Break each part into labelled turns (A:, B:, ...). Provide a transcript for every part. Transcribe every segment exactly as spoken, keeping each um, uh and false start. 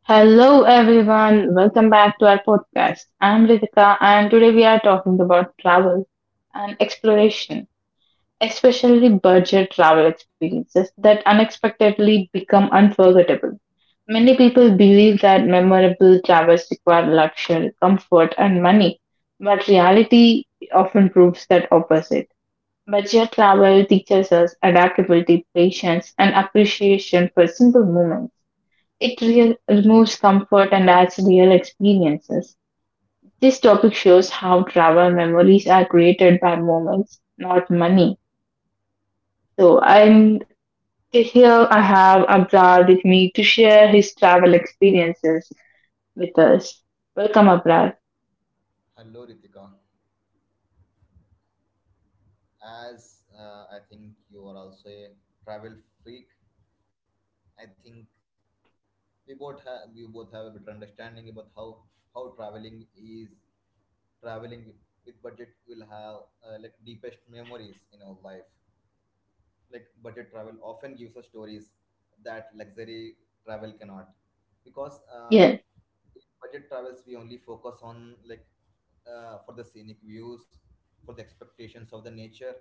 A: Hello everyone, welcome back to our podcast. I'm Ritika and today we are talking about travel and exploration, especially budget travel experiences that unexpectedly become unforgettable. Many people believe that memorable travels require luxury, comfort, and money, but reality often proves that opposite. Budget travel teaches us adaptability, patience, and appreciation for simple moments. It real, removes comfort and adds real experiences. This topic shows how travel memories are created by moments, not money. So, and here I have Abrar with me to share his travel experiences with us. Welcome, Abrar.
B: Hello, Ritika. As uh, I think you are also a travel freak, I think we both have we both have a better understanding about how how traveling is traveling with budget will have uh, like deepest memories in our life. Like budget travel often gives us stories that luxury travel cannot, because uh,
A: Yes.
B: in budget travels we only focus on like uh, for the scenic views, for the expectations of the nature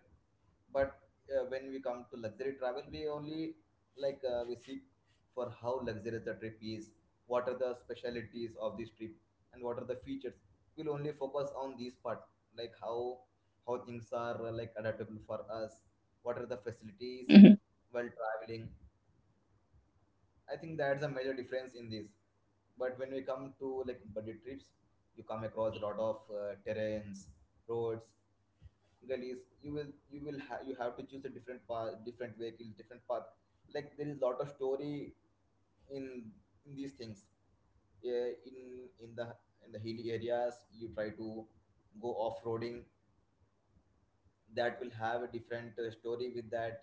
B: but uh, when we come to luxury travel we only like uh, we seek for how luxurious the trip is, what are the specialities of this trip, and what are the features. We'll only focus on these part, like how how things are uh, like adaptable for us, what are the facilities
A: Hmm.
B: while traveling. I think that's a major difference in this. But when we come to like budget trips, you come across a lot of uh, terrains, roads, gullies. You will you will ha- you have to choose a different path, different vehicle, different path. Like there is a lot of story in in these things. Yeah, in in the in the hilly areas you try to go off-roading. That will have a different uh, story with that.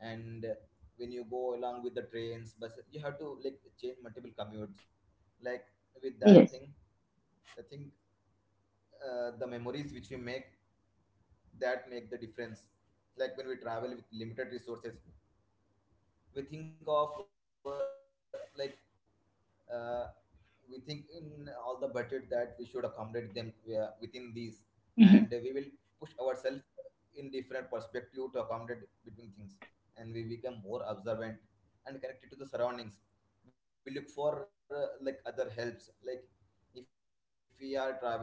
B: And uh, when you go along with the trains bus, you have to like change multiple commutes, like with that
A: Yes.
B: thing. I think uh, the memories which we make, that make the difference. Like when we travel with limited resources, we think of uh, like uh, we think in all the budget that we should accommodate them uh, within these, and we will
A: Hmm.
B: push ourselves in different perspective to accommodate between things, and we become more observant and connected to the surroundings. We look for uh, like other helps, like if we are traveling uh,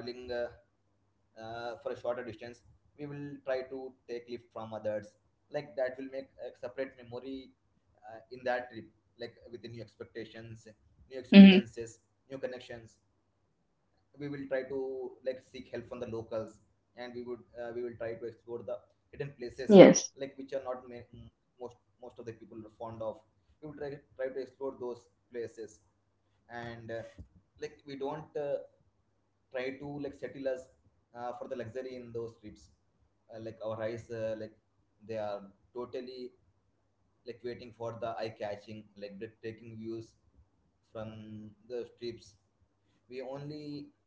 B: uh, for a shorter distance, we will try to take lift from others. Like that will make a separate memory uh, in that trip, like with the new expectations, new experiences, new
A: Hmm.
B: connections. We will try to like seek help from the locals, and we would uh, we will try to explore the hidden places
A: Yes.
B: like which are not ma- m- most most of the people are fond of. We will try try to explore those places, and uh, like we don't uh, try to like settle us uh, for the luxury in those trips. Uh, like our eyes, uh, like they are totally like waiting for the eye catching, like breathtaking views from the strips. We only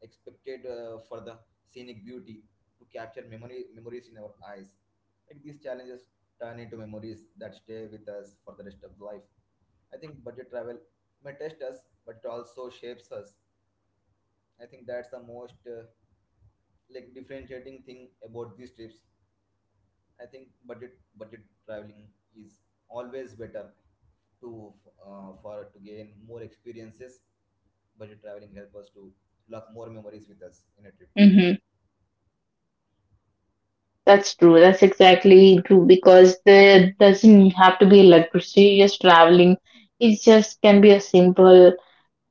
B: expected uh, for the scenic beauty to capture memory memories in our eyes. Like these challenges turn into memories that stay with us for the rest of life. I think budget travel may test us, but it also shapes us. I think that's the most uh, like differentiating thing about these trips. I think budget budget traveling is always better to uh, for to gain more experiences. Budget traveling help us to lock more memories with us in a trip.
A: Hmm. That's true. That's exactly true because there doesn't have to be like luxurious traveling. It just can be a simple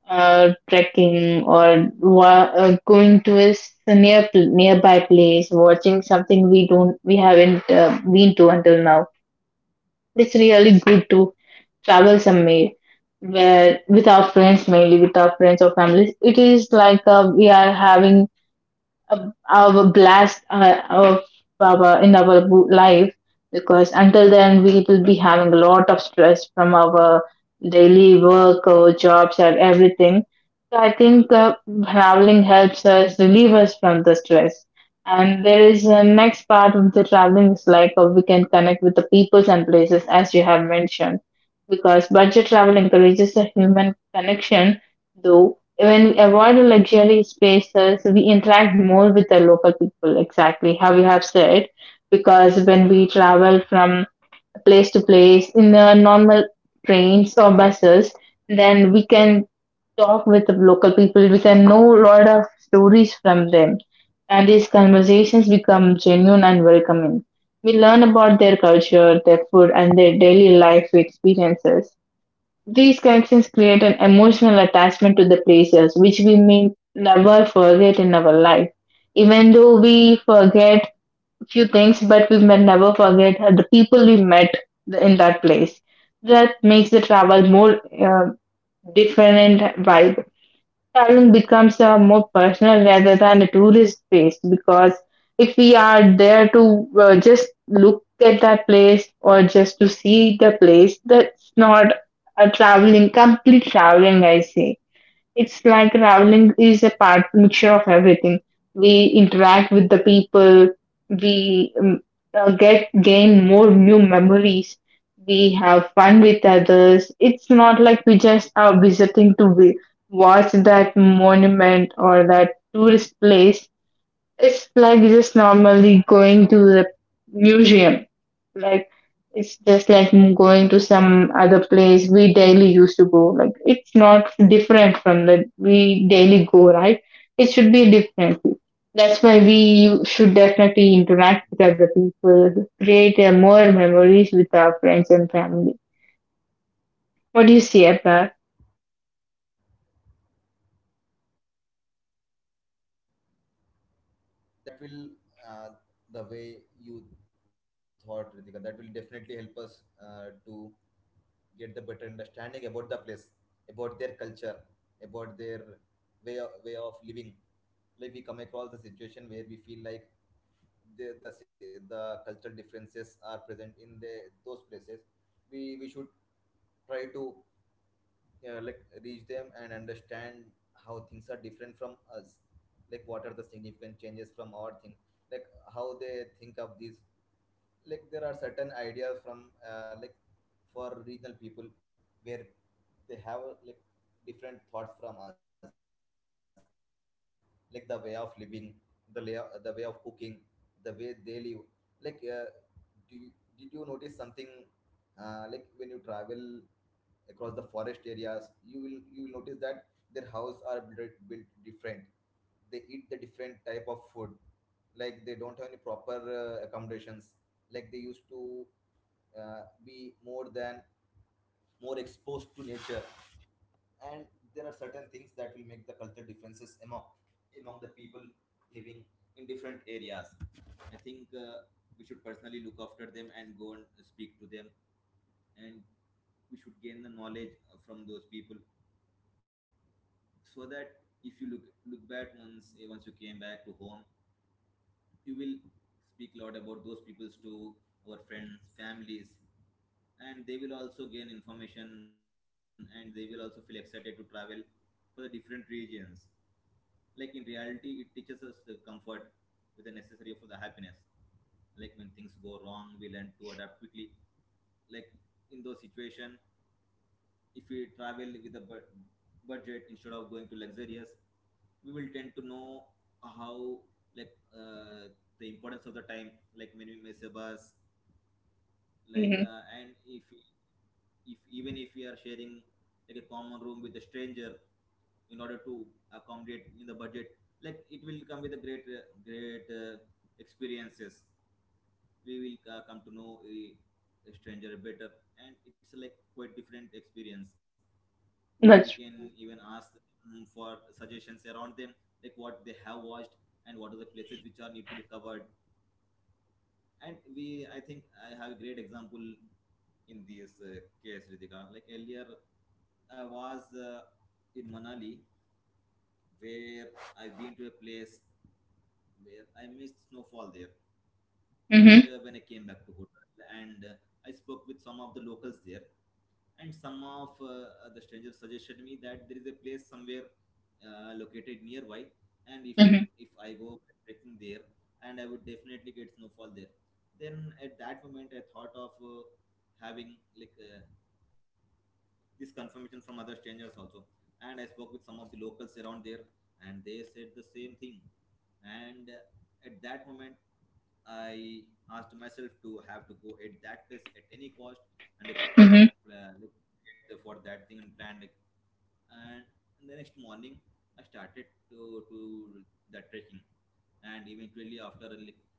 A: uh, trekking or wa- uh, going to a s- a near pl- nearby place, watching something we don't we haven't uh, been to until now. It's really good to travel somewhere where with our friends, mainly with our friends or families. It is like uh, we are having a, our blast uh, of our, in our bo- life, because until then we will be having a lot of stress from our daily work or jobs or everything. So I think uh, traveling helps us relieve us from the stress, and there is a next part of the traveling is like uh, we can connect with the peoples and places as you have mentioned, because budget travel encourages a human connection, though when we avoid the luxury spaces, we interact more with the local people, exactly how you have said. Because when we travel from place to place in the normal trains or buses, then we can talk with the local people, we can know a lot of stories from them, and these conversations become genuine and welcoming. We learn about their culture, their food, and their daily life experiences. These connections create an emotional attachment to the places which we may never forget in our life. Even though we forget few things, but we may never forget the people we met in that place. That makes the travel more uh, different vibe. Traveling becomes uh, more personal rather than a tourist based, because if we are there to uh, just look at that place or just to see the place, that's not a traveling complete traveling I say. It's like traveling is a part mixture of everything. We interact with the people, we um, uh, get gain more new memories, we have fun with others. It's not like we just are visiting to vi- watch that monument or that tourist place. It's like just normally going to the museum. Like, it's just like going to some other place we daily used to go. Like, it's not different from that we daily go, right? It should be different. That's why we should definitely interact with other people, create uh, more memories with our friends and family. What do you see at that?
B: Yes, I think that will uh, the way you thought, Ritika. That will definitely help us uh, to get the better understanding about the place, about their culture, about their way of, way of living. Like we come across the situation where we feel like the, the si, the cultural differences are present in the those places. We we should try to uh, like reach them and understand how things are different from us, like what are the significant changes from our thing, like how they think of these, like there are certain ideas from uh, like for regional people where they have like different thoughts from us, like the way of living, the lay, the way of cooking, the way they live. Like uh, do you, did you notice something uh, like when you travel across the forest areas, you will you will notice that their house are built, built different, they eat the different type of food, like they don't have any proper uh, accommodations. Like they used to uh, be more than more exposed to nature, and there are certain things that will make the cultural differences among among the people living in different areas. I think uh, we should personally look after them and go and speak to them, and we should gain the knowledge uh, from those people, so that if you look look back once eh, once you came back to home, you will speak a lot about those peoples to our friends families, and they will also gain information and they will also feel excited to travel for the different regions. Like in reality it teaches us the comfort with the necessary for the happiness. Like when things go wrong we learn to adapt quickly, like in those situation, if we travel with a bu- budget instead of going to luxurious, we will tend to know how, like, uh, the importance of the time, like when we miss a bus, like
A: Hmm.
B: uh, and if if even if we are sharing like a common room with a stranger in order to accommodate in the budget, like it will come with a great uh, great uh, experiences. We will uh, come to know a, a stranger better, and it's like quite different experience. Like we can
A: That's
B: even ask them for suggestions around them, like what they have watched and what are the places which are need to be covered. And we, I think I have a great example in this uh, case, Ritika. Like earlier I was uh, in Manali, where I went to a place where I missed snowfall there. But
A: Hmm.
B: uh, when I came back to Kotal and uh, I spoke with some of the locals there, and some of uh, the strangers suggested me that there is a place somewhere uh, located nearby, and if you
A: Hmm.
B: if I go trekking there, and I would definitely get snowfall there. Then at that moment, I thought of uh, having like uh, this confirmation from other strangers also, and I spoke with some of the locals around there, and they said the same thing, and uh, at that moment I asked myself to have to go at that place at any cost, and I pre-
A: Hmm.
B: uh, like, prepared for that thing and planned it. And the next morning, I started to to that trekking, and eventually after like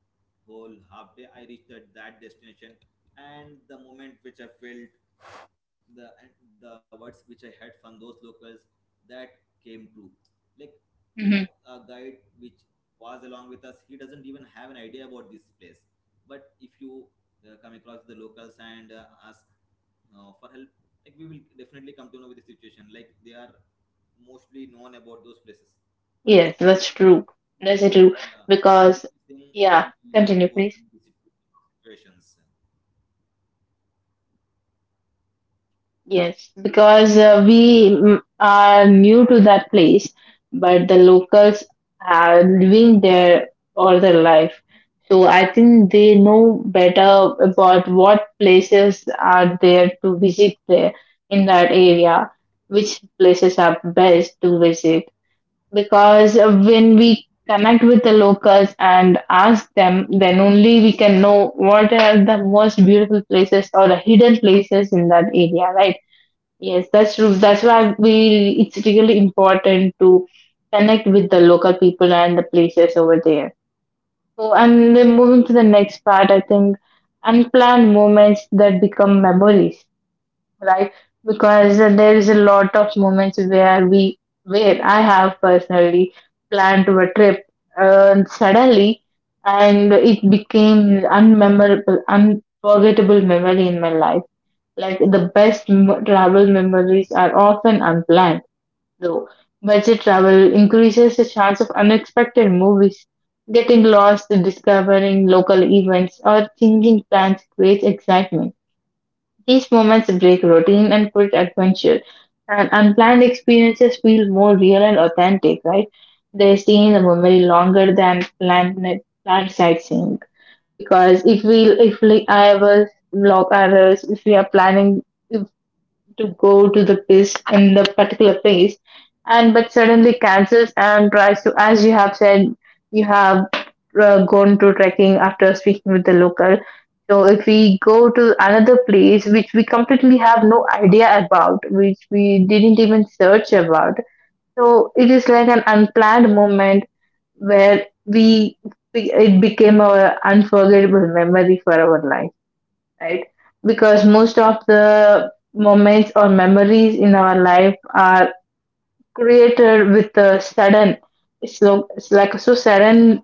B: whole half day I reached at that destination, and the moment which I felt the, and the words which I had from those locals, that came true. Like, you know,
A: Hmm.
B: a guide which was along with us, he doesn't even have an idea about this place. But if you uh, come across the locals and uh, ask uh, for help, like we will definitely come to know with the situation like they are mostly known about those places.
A: Yes, that's true. That's true
B: Yeah,
A: because
B: this thing
A: yeah.
B: we
A: Continue,
B: will
A: please.
B: overcome these situations.
A: Yes, because uh, we mm, are new to that place, but the locals are living there all their life. So I think they know better about what places are there to visit there in that area, which places are best to visit. Because uh, when we connect with the locals and ask them, then only we can know what are the most beautiful places or the hidden places in that area, right? Yes, that's true. That's
B: Yes,
A: why we it's really important to connect with the local people and the places over there. So, and then moving to the next part, I think unplanned moments that become memories, right? Because there is a lot of moments where we where I have personally planned to a trip, and suddenly, and it became unmemorable, unforgettable memory in my life. Like the best m- travel memories are often unplanned, though. Budget travel increases the chance of unexpected movies, getting lost, discovering local events, or changing plans creates excitement. These moments break routine and put adventure, and unplanned experiences feel more real and authentic, right? They stay in the memory longer than planned, like, planned sightseeing. Because if we if we I was vlog others, if we are planning to go to the place in the particular place, and but suddenly cancels and tries to, as you have said, you have uh, gone to trekking after speaking with the local. So if we go to another place which we completely have no idea about, which we didn't even search about, so it is like an unplanned moment where we it became a unforgettable memory for our life, right? Because most of the moments or memories in our life are created with a sudden, it's, lo- it's like so sudden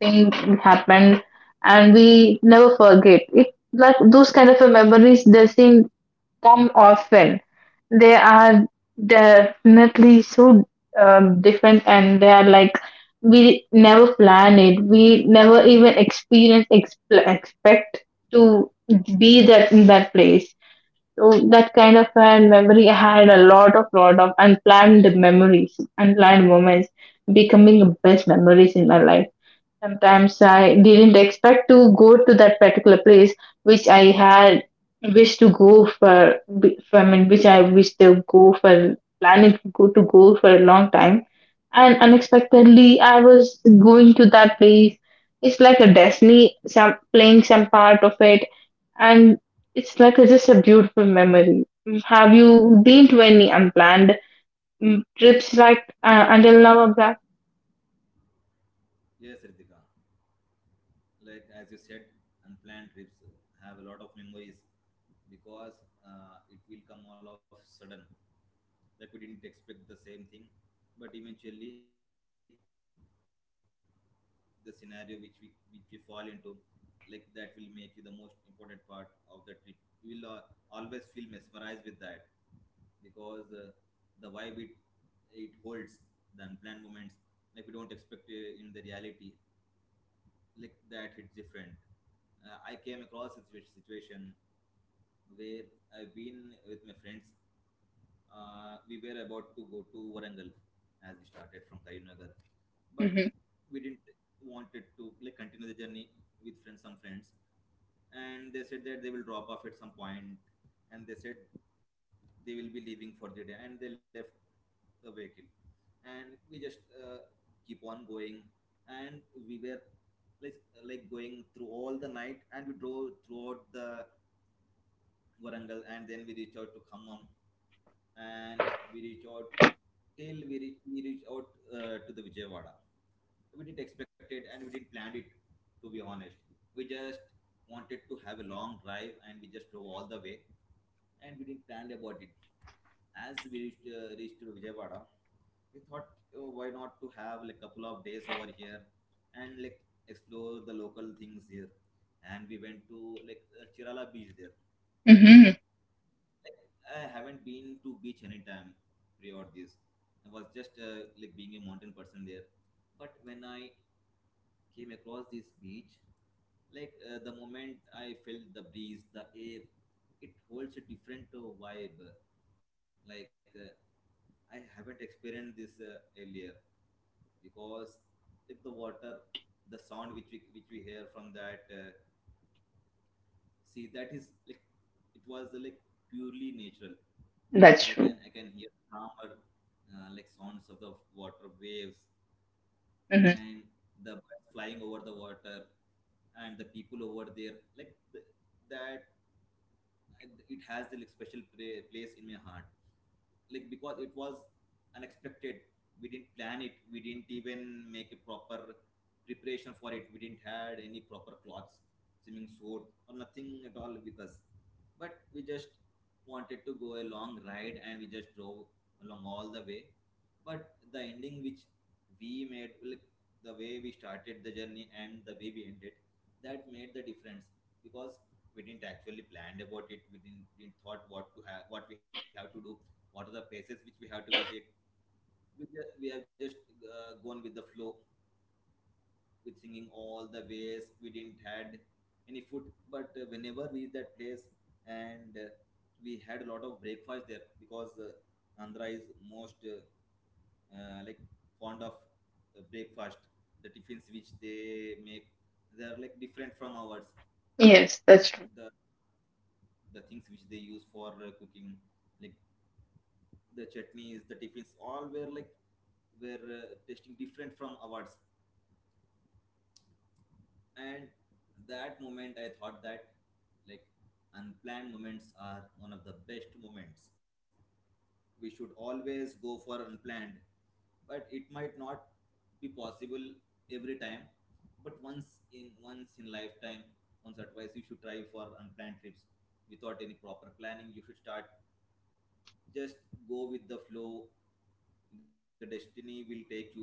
A: thing happened and we never forget it. Like those kind of a memories, they seem come often. They are definitely so um, different, and they are like we never plan it. We never even experience exp- expect to be that in that place. So that kind of a memory, I had a lot of lot of unplanned memories, unplanned moments, becoming the best memories in my life. Sometimes I didn't expect to go to that particular place which I had wished to go for, I mean, which I wished to go for, planning to go to go for a long time. And unexpectedly, I was going to that place. It's like a destiny, some playing some part of it, and it's like a, just a beautiful memory. Have you been to any unplanned mm, trips like uh, until now, Abra?
B: yes, Ritika. Like as you said, unplanned trips have a lot of memories because uh, it will come all of sudden. Like we didn't expect the same thing, but eventually the scenario which we which we fall into, like that will make you the most important part of the trip. You will uh, always feel mesmerized with that because uh, the vibe it it holds, the unplanned moments like we don't expect uh, in the reality, like that hit different. Uh, I came across a situa- situation where I've been with my friends. Uh, we were about to go to Warangal as we started from Karimnagar, but
A: Mm-hmm.
B: we didn't wanted to like continue the journey with friends, some friends, and they said that they will drop off at some point, and they said they will be leaving for the day, and they left the vehicle, and we just uh, keep on going, and we were like like going through all the night, and we drove throughout the Warangal and then we reached out to Khammam, and we reached out till we reach, we reached out uh, to the Vijayawada. We didn't expect it and we didn't plan it, to be honest. We just wanted to have a long drive and we just drove all the way and we didn't plan about it. As we reached, uh, reached to Vijayawada, we thought, oh, why not to have like couple of days over here and like explore the local things here? And we went to like uh, Chirala beach there.
A: Mm-hmm.
B: Like I haven't been to beach anytime prior this. I was just uh, like being a mountain person there, but when I came across this beach, like, uh, the moment I felt the breeze, the air, it holds a different uh, vibe. Like, uh, I haven't experienced this uh, earlier, because like the water, the sound which we which we hear from that, uh, see, that is like it was, uh, like, purely natural.
A: That's
B: Like I
A: true.
B: can I can hear calmer uh, like sounds of the water waves, and the birds flying over the water, and the people over there, like the, that it has the like special pra- place in my heart, like, because it was unexpected. We didn't plan it, we didn't even make a proper preparation for it. We didn't had any proper clothes, swimming suit, or nothing at all with us, but we just wanted to go a long ride and we just drove along all the way. But the ending which we made, like the way we started the journey and the way we ended, that made the difference, because we didn't actually planned about it. We didn't, didn't thought what to have, what we have to do, what are the places which we have to visit. We, just, we have just uh, gone with the flow, with singing all the ways. We didn't had any food, but uh, whenever we that place, and uh, we had a lot of breakfast there, because uh, Andhra is most uh, uh, like fond of uh, breakfast. The tiffins which they make, they are like different from ours,
A: Yes,
B: like
A: that's true.
B: the the things which they use for uh, cooking, like the chutneys, the tiffins, all were like were uh, tasting different from ours. And that moment, I thought that, like, unplanned moments are one of the best moments. We should always go for unplanned, but it might not be possible every time. But once in once in lifetime, once or twice, you should try for unplanned trips without any proper planning. You should start, just go with the flow, the destiny will take you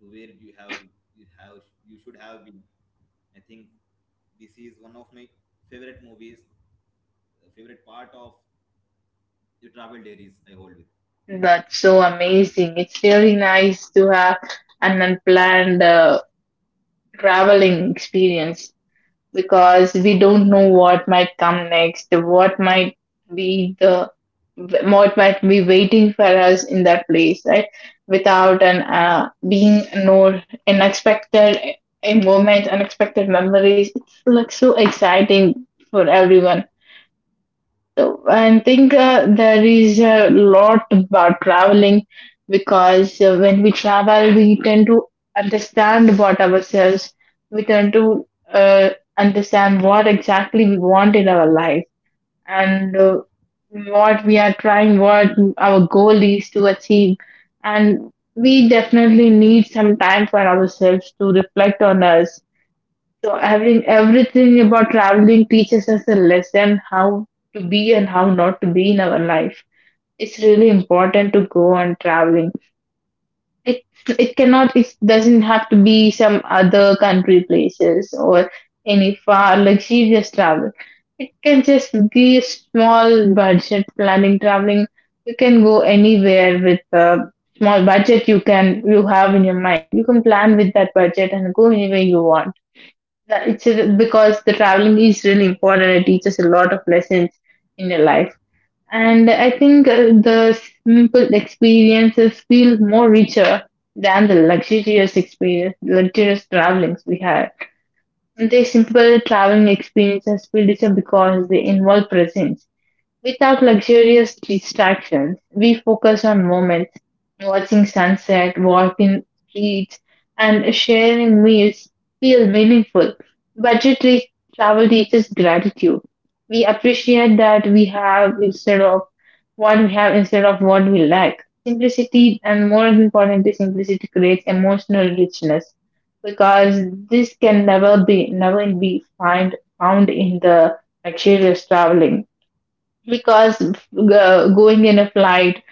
B: to where you have you have you should have been. I think this is one of my favorite movies favorite part of the travel diaries I hold with.
A: That's so amazing. It's really nice to have an unplanned uh, traveling experience because we don't know what might come next, what might be the what might be waiting for us in that place, right? Without an uh, being no unexpected a moment, unexpected memories. It's like so exciting for everyone. So I think uh, there is a lot about traveling because uh, when we travel, we tend to understand about ourselves. We tend to uh, understand what exactly we want in our life, and uh, what we are trying, what our goal is to achieve. And we definitely need some time for ourselves to reflect on us, so having everything about traveling teaches us a lesson how to be and how not to be in our life. It's really important to go on traveling. It it cannot it doesn't have to be some other country places or any far luxurious travel. It can just be a small budget planning traveling. You can go anywhere with a small budget you can you have in your mind. You can plan with that budget and go anywhere you want that it's a, because the traveling is really important. It teaches a lot of lessons in your life, and I think uh, the simple experiences feel more richer than the luxurious experience, luxurious travelings we had. And the simple traveling experiences feel richer because they involve presence. Without luxurious distractions, we focus on moments, watching sunset, walking streets, and sharing meals feel meaningful. Budgetary travel teaches gratitude. We appreciate that we have instead of what we have instead of what we lack. Simplicity, and more importantly, simplicity creates emotional richness, because this can never be never be find found in the luxurious traveling, because uh, going in a flight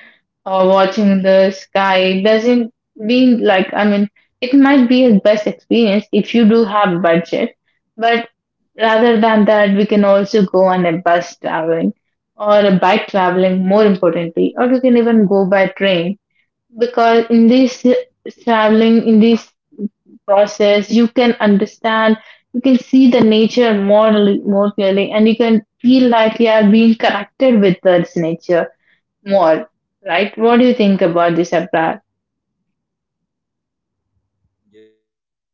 A: or watching the sky doesn't mean, like, I mean, it might be a best experience if you do have budget, but rather than that, we can also go on a bus traveling or a bike traveling, more importantly, or you can even go by train, because in this traveling, in this process, you can understand, you can see the nature more, more clearly, and you can feel like you are being connected with this nature more, right? What do you think about this, Abrar?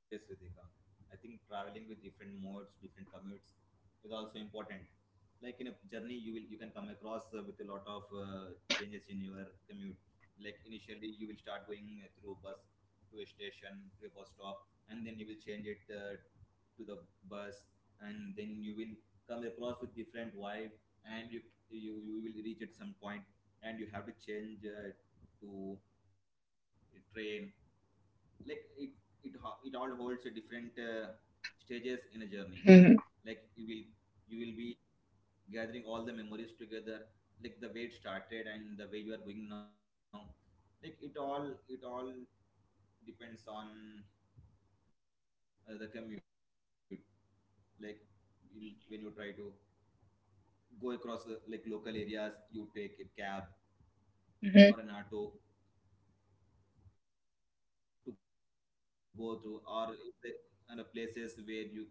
B: Yes, Ritika. I think traveling with different modes, different commutes is also important. Like in a journey, you will you can come across uh, with a lot of uh, changes in your commute. Like initially, you will start going uh, through bus to a station to a bus stop, and then you will change it uh, to the bus, and then you will come across with different vibe, and you you, you will reach at some point, and you have to change uh, to a train, like it it ho- it all holds a different uh, stages
A: Hmm.
B: in a journey. Like you will you will be gathering all the memories together, like the way it started and the way you are going now, like it all it all depends on uh, the commute. Like you, when you try to go across uh, like local areas, you take a cab or an auto to go through, or if the, and the places where you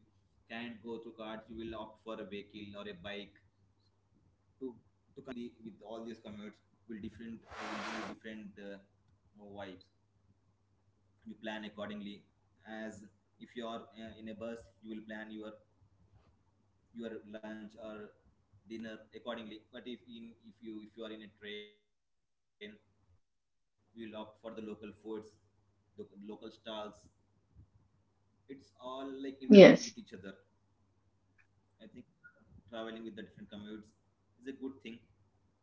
B: can't go through cars, you will opt for a vehicle or a bike to to continue that trip, because like traveling the with all these commutes will different will give you different uh, vibes. You plan accordingly, as if you are uh, in a bus, you will plan your your lunch or dinner accordingly, but if in if you if you are in a train, you will opt for the local foods, the local stalls. It's all like interlinked with each other.
A: Yes,
B: I think traveling with the different commutes is a good thing,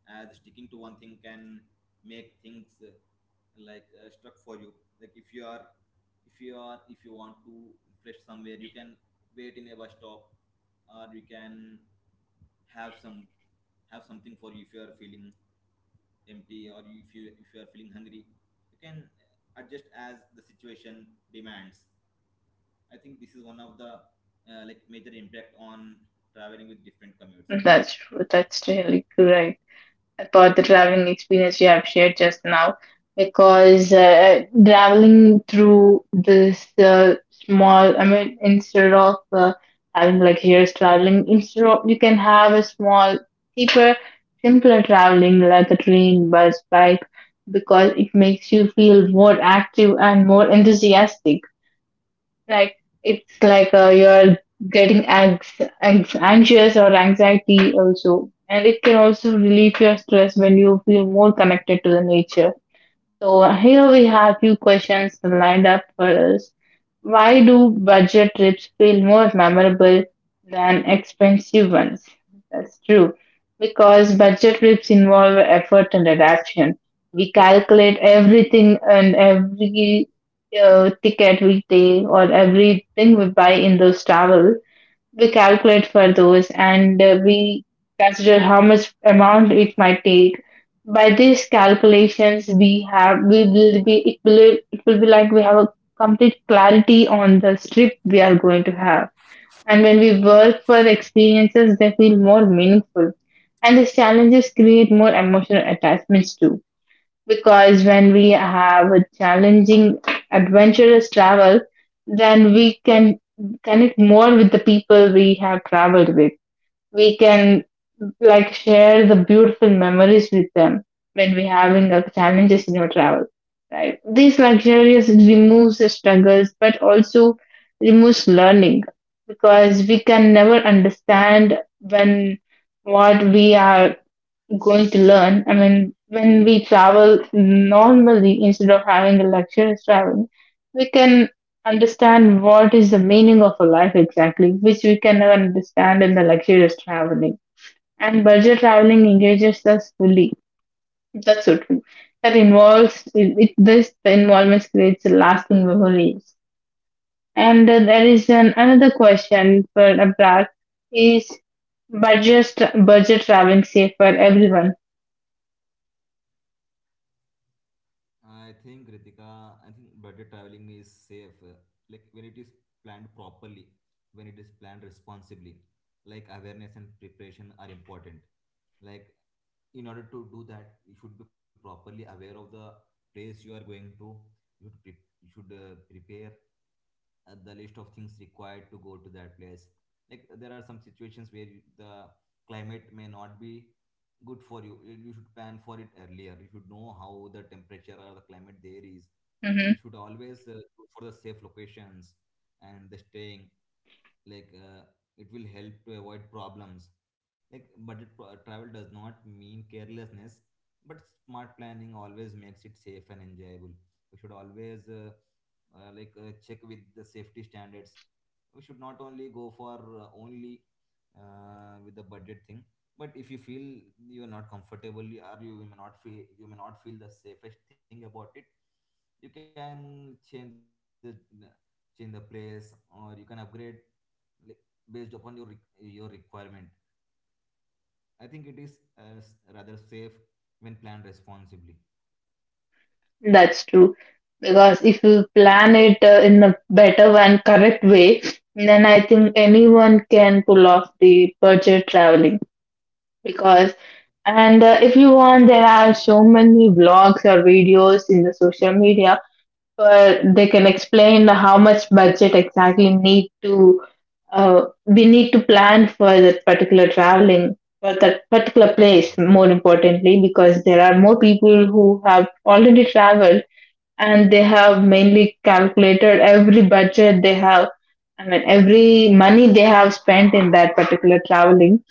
B: as sticking to one thing can make things uh, like uh, stuck for you. Like if you are, if you are, if you want to fresh somewhere, you can wait in a bus stop, or you can have some have something for you if you are feeling empty, or if you if you are feeling hungry. You can uh, adjust as the situation demands. I think this is one of the uh, like major impact on traveling with different commutes,
A: that's
B: Ritika.
A: true. That's really great. For the traveling experience you have shared just now, because uh, traveling through this uh, small, I mean, instead of uh, having like years traveling, instead of, you can have a small, cheaper, simpler traveling like a train, bus, bike, because it makes you feel more active and more enthusiastic. Like, it's like uh, you're getting
B: Yes.
A: anx- anx- anxious or anxiety also, and it can also relieve your stress when you feel more connected to the nature. So here we have few questions lined up for us. Why do budget trips feel more memorable than expensive ones? That's true. Because budget trips involve effort and adaptation. We calculate everything and every uh, ticket we take or everything we buy in those travel, we calculate for those, and uh, we consider how much amount it might take. By these calculations, we have we will be it will it will be like we have a complete clarity on the strip we are going to have, and when we work for the experiences, they feel more meaningful, and these challenges create more emotional attachments too, because when we have a challenging, adventurous travel, then we can connect more with the people we have traveled with. We can like share the beautiful memories with them when we're having uh, challenges in our travel, right? These luxurious removes the struggles, but also removes learning, because we can never understand when what we are going to learn. I mean, when we travel normally instead of having a luxurious travel, we can understand what is the meaning of a life exactly, which we can never understand in the luxurious traveling. And budget traveling engages us fully. That's so true. That involves it, it, this the involvement creates lasting memories. And uh, there is an another question for Abrar is budget budget traveling safe for everyone?
B: I think Ritika, I think budget traveling is safe. uh, Like when it is planned properly, when it is planned responsibly, like awareness and preparation are important. Like in order to do that, you should be properly aware of the place you are going to. You should pre- you should uh, prepare uh, the list of things required to go to that place, like there are some situations where you- the climate may not be good for you you you should plan for it earlier, you should know how the temperature or the climate there is. You should always uh, look for the safe locations and the staying, like, uh, it will help to avoid problems. Like, but it, uh, travel does not mean carelessness, but smart planning always makes it safe and enjoyable. We should always uh, uh, like uh, check with the safety standards. We should not only go for uh, only uh, with the budget thing, but if you feel you are not comfortable, you- or you may not feel you may not feel the safest thing about it, you can change the change the place, or you can upgrade, like, based upon your re- your requirement. I think it is uh, s- rather safe when planned responsibly.
A: That's true. Because if you plan it uh, in a better and correct way, then I think anyone can pull off the budget traveling. Because, and uh, if you want, there are so many vlogs or videos in the social media where they can explain how much budget exactly need to uh, we need to plan for that particular traveling, for that particular
B: Yes.
A: place, more importantly, because there are more people who have already traveled, and they have mainly calculated every budget they have, I mean every money they have spent in that particular traveling,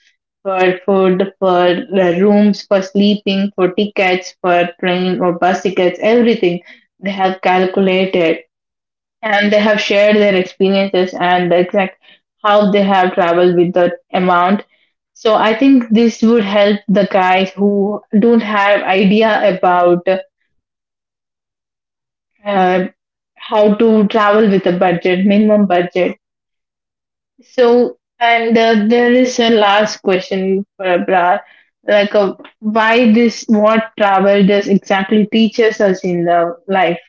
A: for food, for the rooms for sleeping, for tickets, for train or bus tickets, everything they have calculated, and they have shared their experiences and the exact how they have traveled with that amount. So I think this would help the guys who don't have idea about uh, how to travel with a budget, minimum budget. So, and uh, there is a last question for Abrar, like, uh, why this, what travel does exactly teaches us in the life.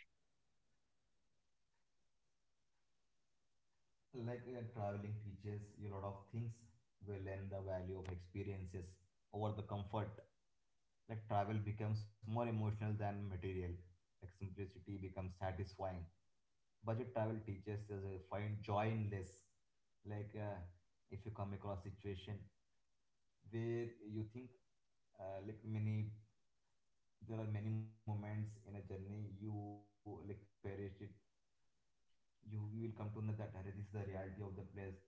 B: Like, uh, traveling teaches you a lot of things. We learn the value of experiences over the comfort. Like travel becomes more emotional than material. Like simplicity becomes satisfying. Budget travel teaches us to find joy in less. Like, uh, if you come across situation where you think, uh, like many there are many moments in a journey you like perish it, you, you will come to know that, "Arre, this is the reality of the place, and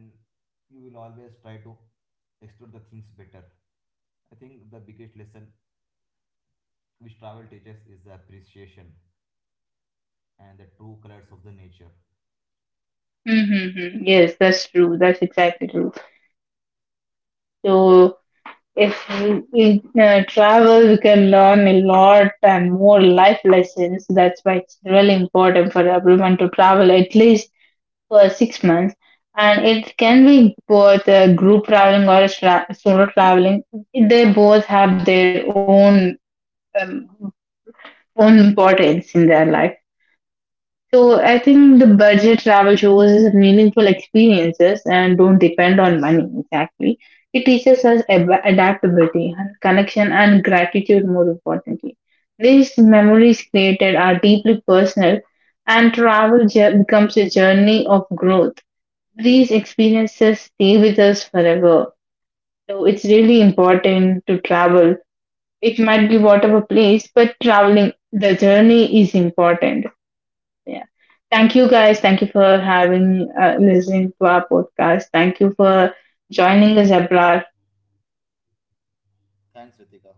B: you will always try to explore the things better." I think the biggest lesson which travel teaches is the appreciation and the true colors of the nature.
A: Mm-hmm. Yes, that's true. That's exactly true. So if we we, uh, travel, we can learn a lot and more life lessons. That's why it's really important for everyone to travel at least for six months. And it can be both uh, group traveling or sla- solo traveling. They both have their own um, own importance in their life. So I think the budget travel shows us meaningful experiences and don't depend on money exactly. It teaches us ab- adaptability and connection and gratitude, more importantly. These memories created are deeply personal, and travel ju- becomes a journey of growth. These experiences stay with us forever. So it's really important to travel. It might be whatever place, but traveling, the journey is important. Yeah. Thank you guys. Thank you for having, uh, listening to our podcast. Thank you for joining us, Abrar.
B: Thanks, Ritika.